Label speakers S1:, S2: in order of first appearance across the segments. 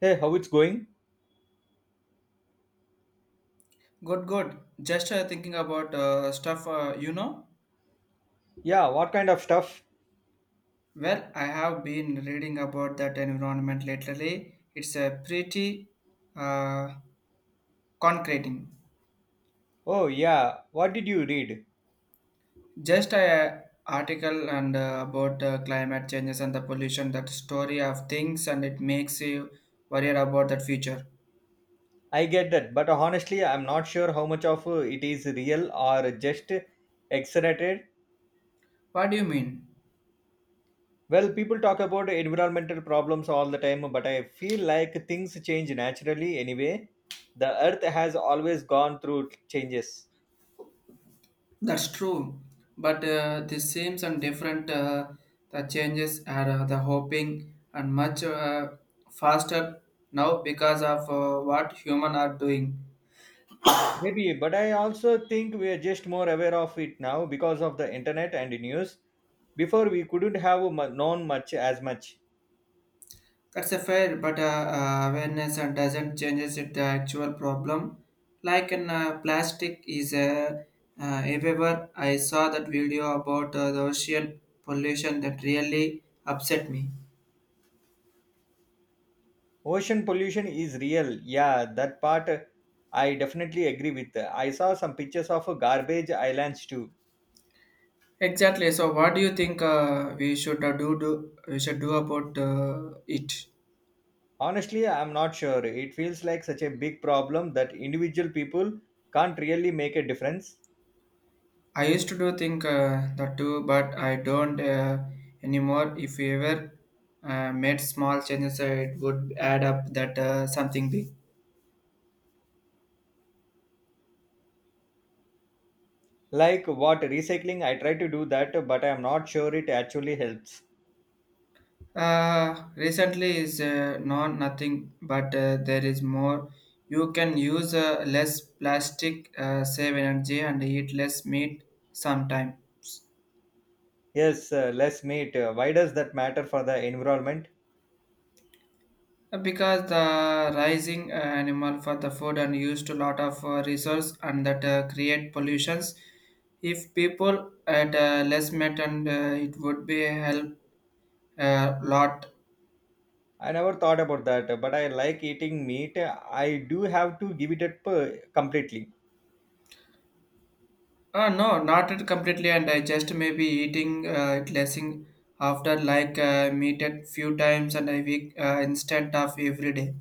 S1: Hey, how it's going?
S2: Good, good. Just thinking about stuff,
S1: Yeah, what kind of stuff?
S2: Well, I have been reading about that environment lately. It's a pretty uh, concreting.
S1: Oh, yeah, what did you read?
S2: Just a article and about climate changes and the pollution, that story of things, and it makes you worry about that future.
S1: I get that, but honestly, I'm not sure how much of it is real or just exaggerated.
S2: What do you mean?
S1: Well, people talk about environmental problems all the time, but I feel like things change naturally anyway. The earth has always gone through changes.
S2: That's true, but the same and different the changes are the hoping and much faster now because of what human are doing.
S1: Maybe, but I also think we are just more aware of it now because of the internet and news. Before, we couldn't have known much as much.
S2: That's a fair, but awareness and doesn't changes it the actual problem. Like in plastic is a everywhere. I saw that video about the ocean pollution that really upset me.
S1: Ocean pollution is real. Yeah, that part I definitely agree with. I saw some pictures of garbage islands too.
S2: Exactly. So, what do you think we should do? We should do about it.
S1: Honestly, I'm not sure. It feels like such a big problem that individual people can't really make a difference.
S2: I used to do think that too, but I don't anymore. If we ever made small changes, it would add up that something big.
S1: Like what recycling, I try to do that, but I'm not sure it actually helps.
S2: Recently is not nothing, but there is more. You can use less plastic, save energy, and eat less meat sometime.
S1: Yes, less meat. Why does that matter for the environment?
S2: Because the rising animal for the food and used a lot of resource and that create pollutions. If people at less met and it would be help a lot.
S1: I never thought about that, but I like eating meat. I do have to give it up completely.
S2: No, not it completely and I just maybe eating it lessing after like meat at few times and a week instead of every day.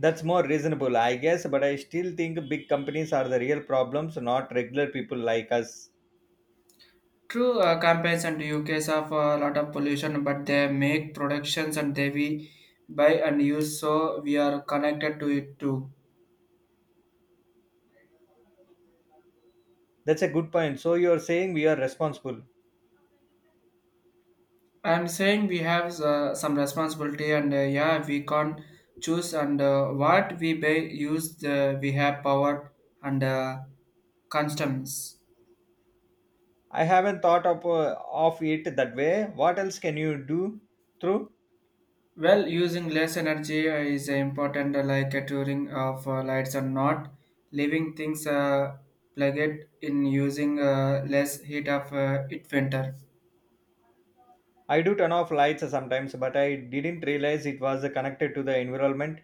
S1: That's more reasonable, I guess, but I still think big companies are the real problems, not regular people like us.
S2: True campaigns and UKs have a lot of pollution, but they make productions and they we buy and use, so we are connected to it too.
S1: That's a good point. So you're saying we are responsible.
S2: I'm saying we have some responsibility, and yeah, we can't choose and what we buy, use. We have power and customs.
S1: I haven't thought of it that way. What else can you do through?
S2: Well, using less energy is important, like touring of lights and not leaving things plugged in using less heat of it winter.
S1: I do turn off lights sometimes, but I didn't realize it was connected to the environment.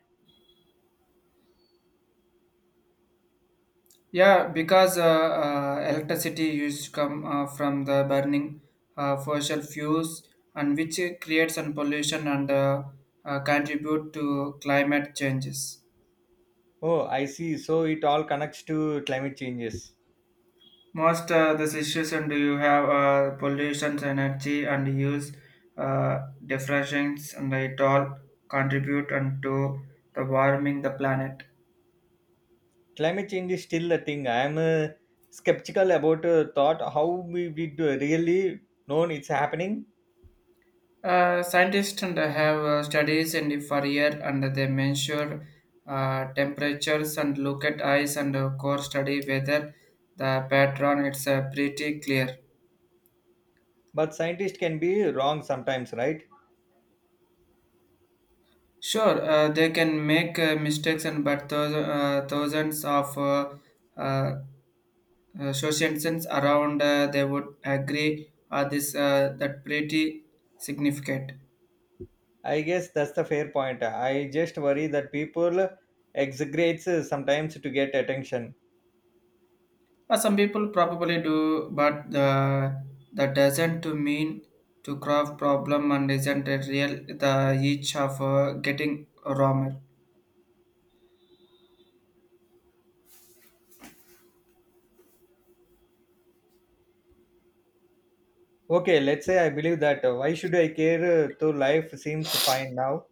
S2: Yeah, because electricity used to come from the burning fossil fuels and which creates some pollution and contribute to climate changes.
S1: Oh, I see. So it all connects to climate changes.
S2: Most the situation do you have pollution energy and use diffractions and it all contribute and to the warming the planet.
S1: Climate change is still a thing. I am skeptical about thought how we do really known it's happening.
S2: Scientists and have studies and for year and they measure temperatures and look at ice and core study whether the pattern it's pretty clear.
S1: But scientists can be wrong sometimes, right?
S2: Sure, they can make mistakes, and but those, thousands of uh, social sense around they would agree this that pretty significant.
S1: I guess that's the fair point. I just worry that people exaggerate sometimes to get attention.
S2: Some people probably do but the, that doesn't to mean to craft problem and isn't a real the each of getting wrong.
S1: Okay, let's say I believe that. Why should I care? Though life seems fine now.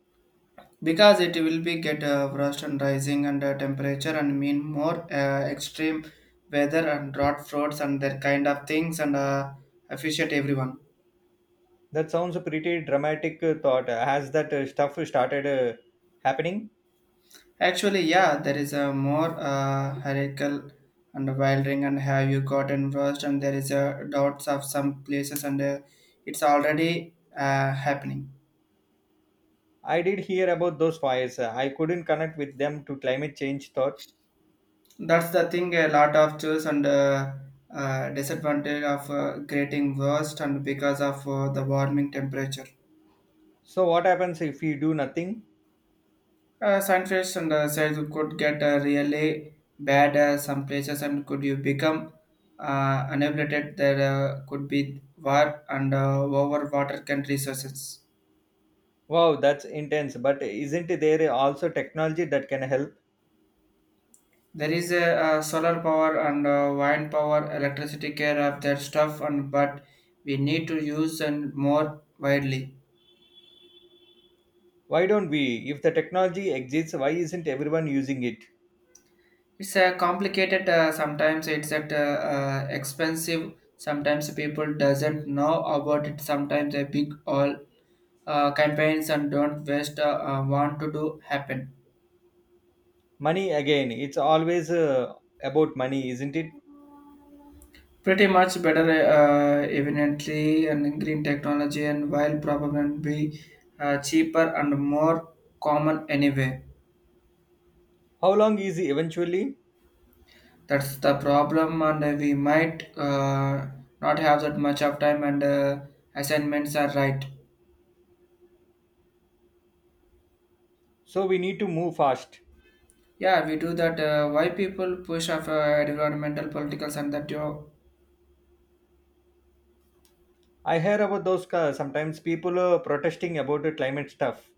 S2: Because it will be get rust and rising and temperature and mean more extreme weather and drought floods and that kind of things and efficient everyone.
S1: That sounds a pretty dramatic thought. Has that stuff started happening?
S2: Actually, yeah, there is a more hierarchical and wildering and have you gotten worse and there is a doubts of some places and it's already happening.
S1: I did hear about those fires. I couldn't connect with them to climate change thought.
S2: That's the thing. A lot of choose and disadvantage of getting worse and because of the warming temperature.
S1: So what happens if we do nothing?
S2: Scientists and said you could get really bad some places and could you become unabated there could be war and over water can resources.
S1: Wow, that's intense. But isn't there also technology that can help?
S2: There is a, solar power and wind power, electricity care of their stuff, and but we need to use and more widely.
S1: Why don't we? If the technology exists, why isn't everyone using it?
S2: It's a complicated. Sometimes it's at expensive. Sometimes people doesn't know about it. Sometimes a big all campaigns and don't waste want to do happen.
S1: Money again. It's always about money, isn't it?
S2: Pretty much better evidently and green technology and while probably be cheaper and more common anyway.
S1: How long is it eventually?
S2: That's the problem and we might not have that much of time and assignments are right.
S1: So we need to move fast.
S2: Yeah, we do that. Why people push of environmental politicals and that you
S1: I hear about those sometimes people are protesting about the climate stuff.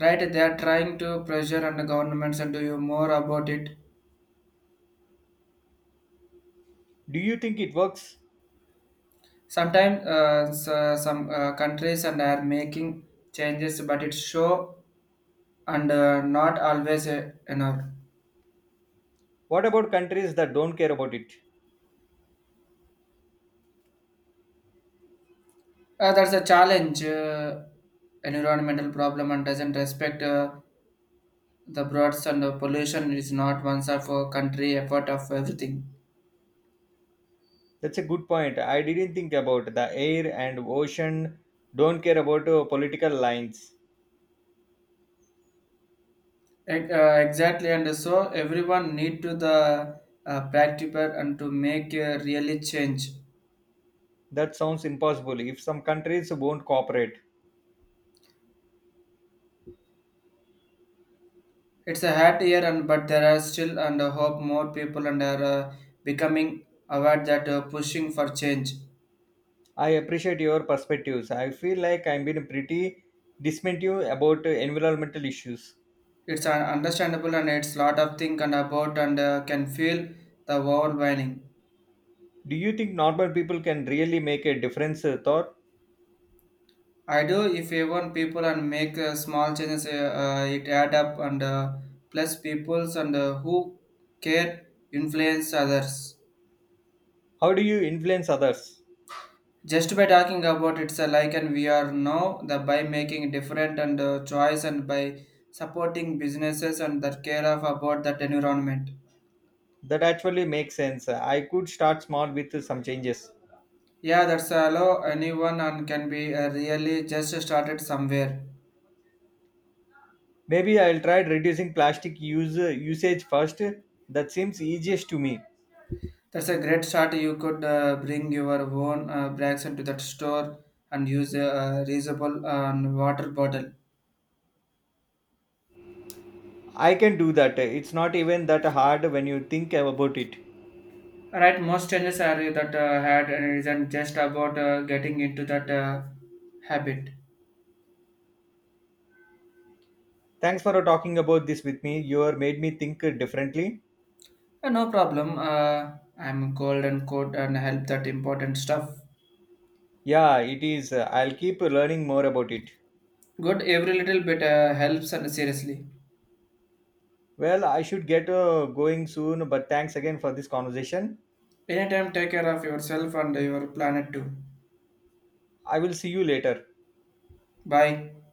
S2: right they are trying to pressure on the governments and do you more about it
S1: Do you think it works?
S2: sometimes some countries and are making changes but it's show and not always enough.
S1: What about countries that don't care about it?
S2: That's a challenge environmental problem and doesn't respect the broads and pollution is not one of a country effort of everything.
S1: That's a good point. I didn't think about the air and ocean don't care about political lines.
S2: Exactly and so everyone need to the practical and to make a really change.
S1: That sounds impossible if some countries won't cooperate.
S2: It's a hard year, and but there are still and hope more people and are becoming aware that pushing for change.
S1: I appreciate your perspectives. I feel like I've been pretty dismissive about environmental issues.
S2: It's understandable and it's lot of think and about and can feel the overwhelming.
S1: Do you think normal people can really make a difference? Thought,
S2: I do if you want people and make small changes, it add up and plus peoples and who care influence others.
S1: how do you influence others?
S2: Just by talking about it's a like and we are now the by making different and choice and by supporting businesses and that care of about that environment.
S1: That actually makes sense. I could start small with some changes.
S2: Yeah, that's allow anyone and can be really just started somewhere.
S1: Maybe I'll try reducing plastic use usage first. That seems easiest to me.
S2: That's a great start. You could bring your own bags into that store and use a reusable water bottle.
S1: I can do that. It's not even that hard when you think about it.
S2: Right, most changes are that had and isn't just about getting into that habit.
S1: Thanks for talking about this with me. You have made me think differently.
S2: No problem. I'm cold and cold and help that important stuff.
S1: Yeah, it is. I'll keep learning more about it.
S2: Good, every little bit helps and seriously.
S1: Well, I should get going soon, but thanks again for this conversation.
S2: Anytime, take care of yourself and your planet too.
S1: I will see you later.
S2: Bye.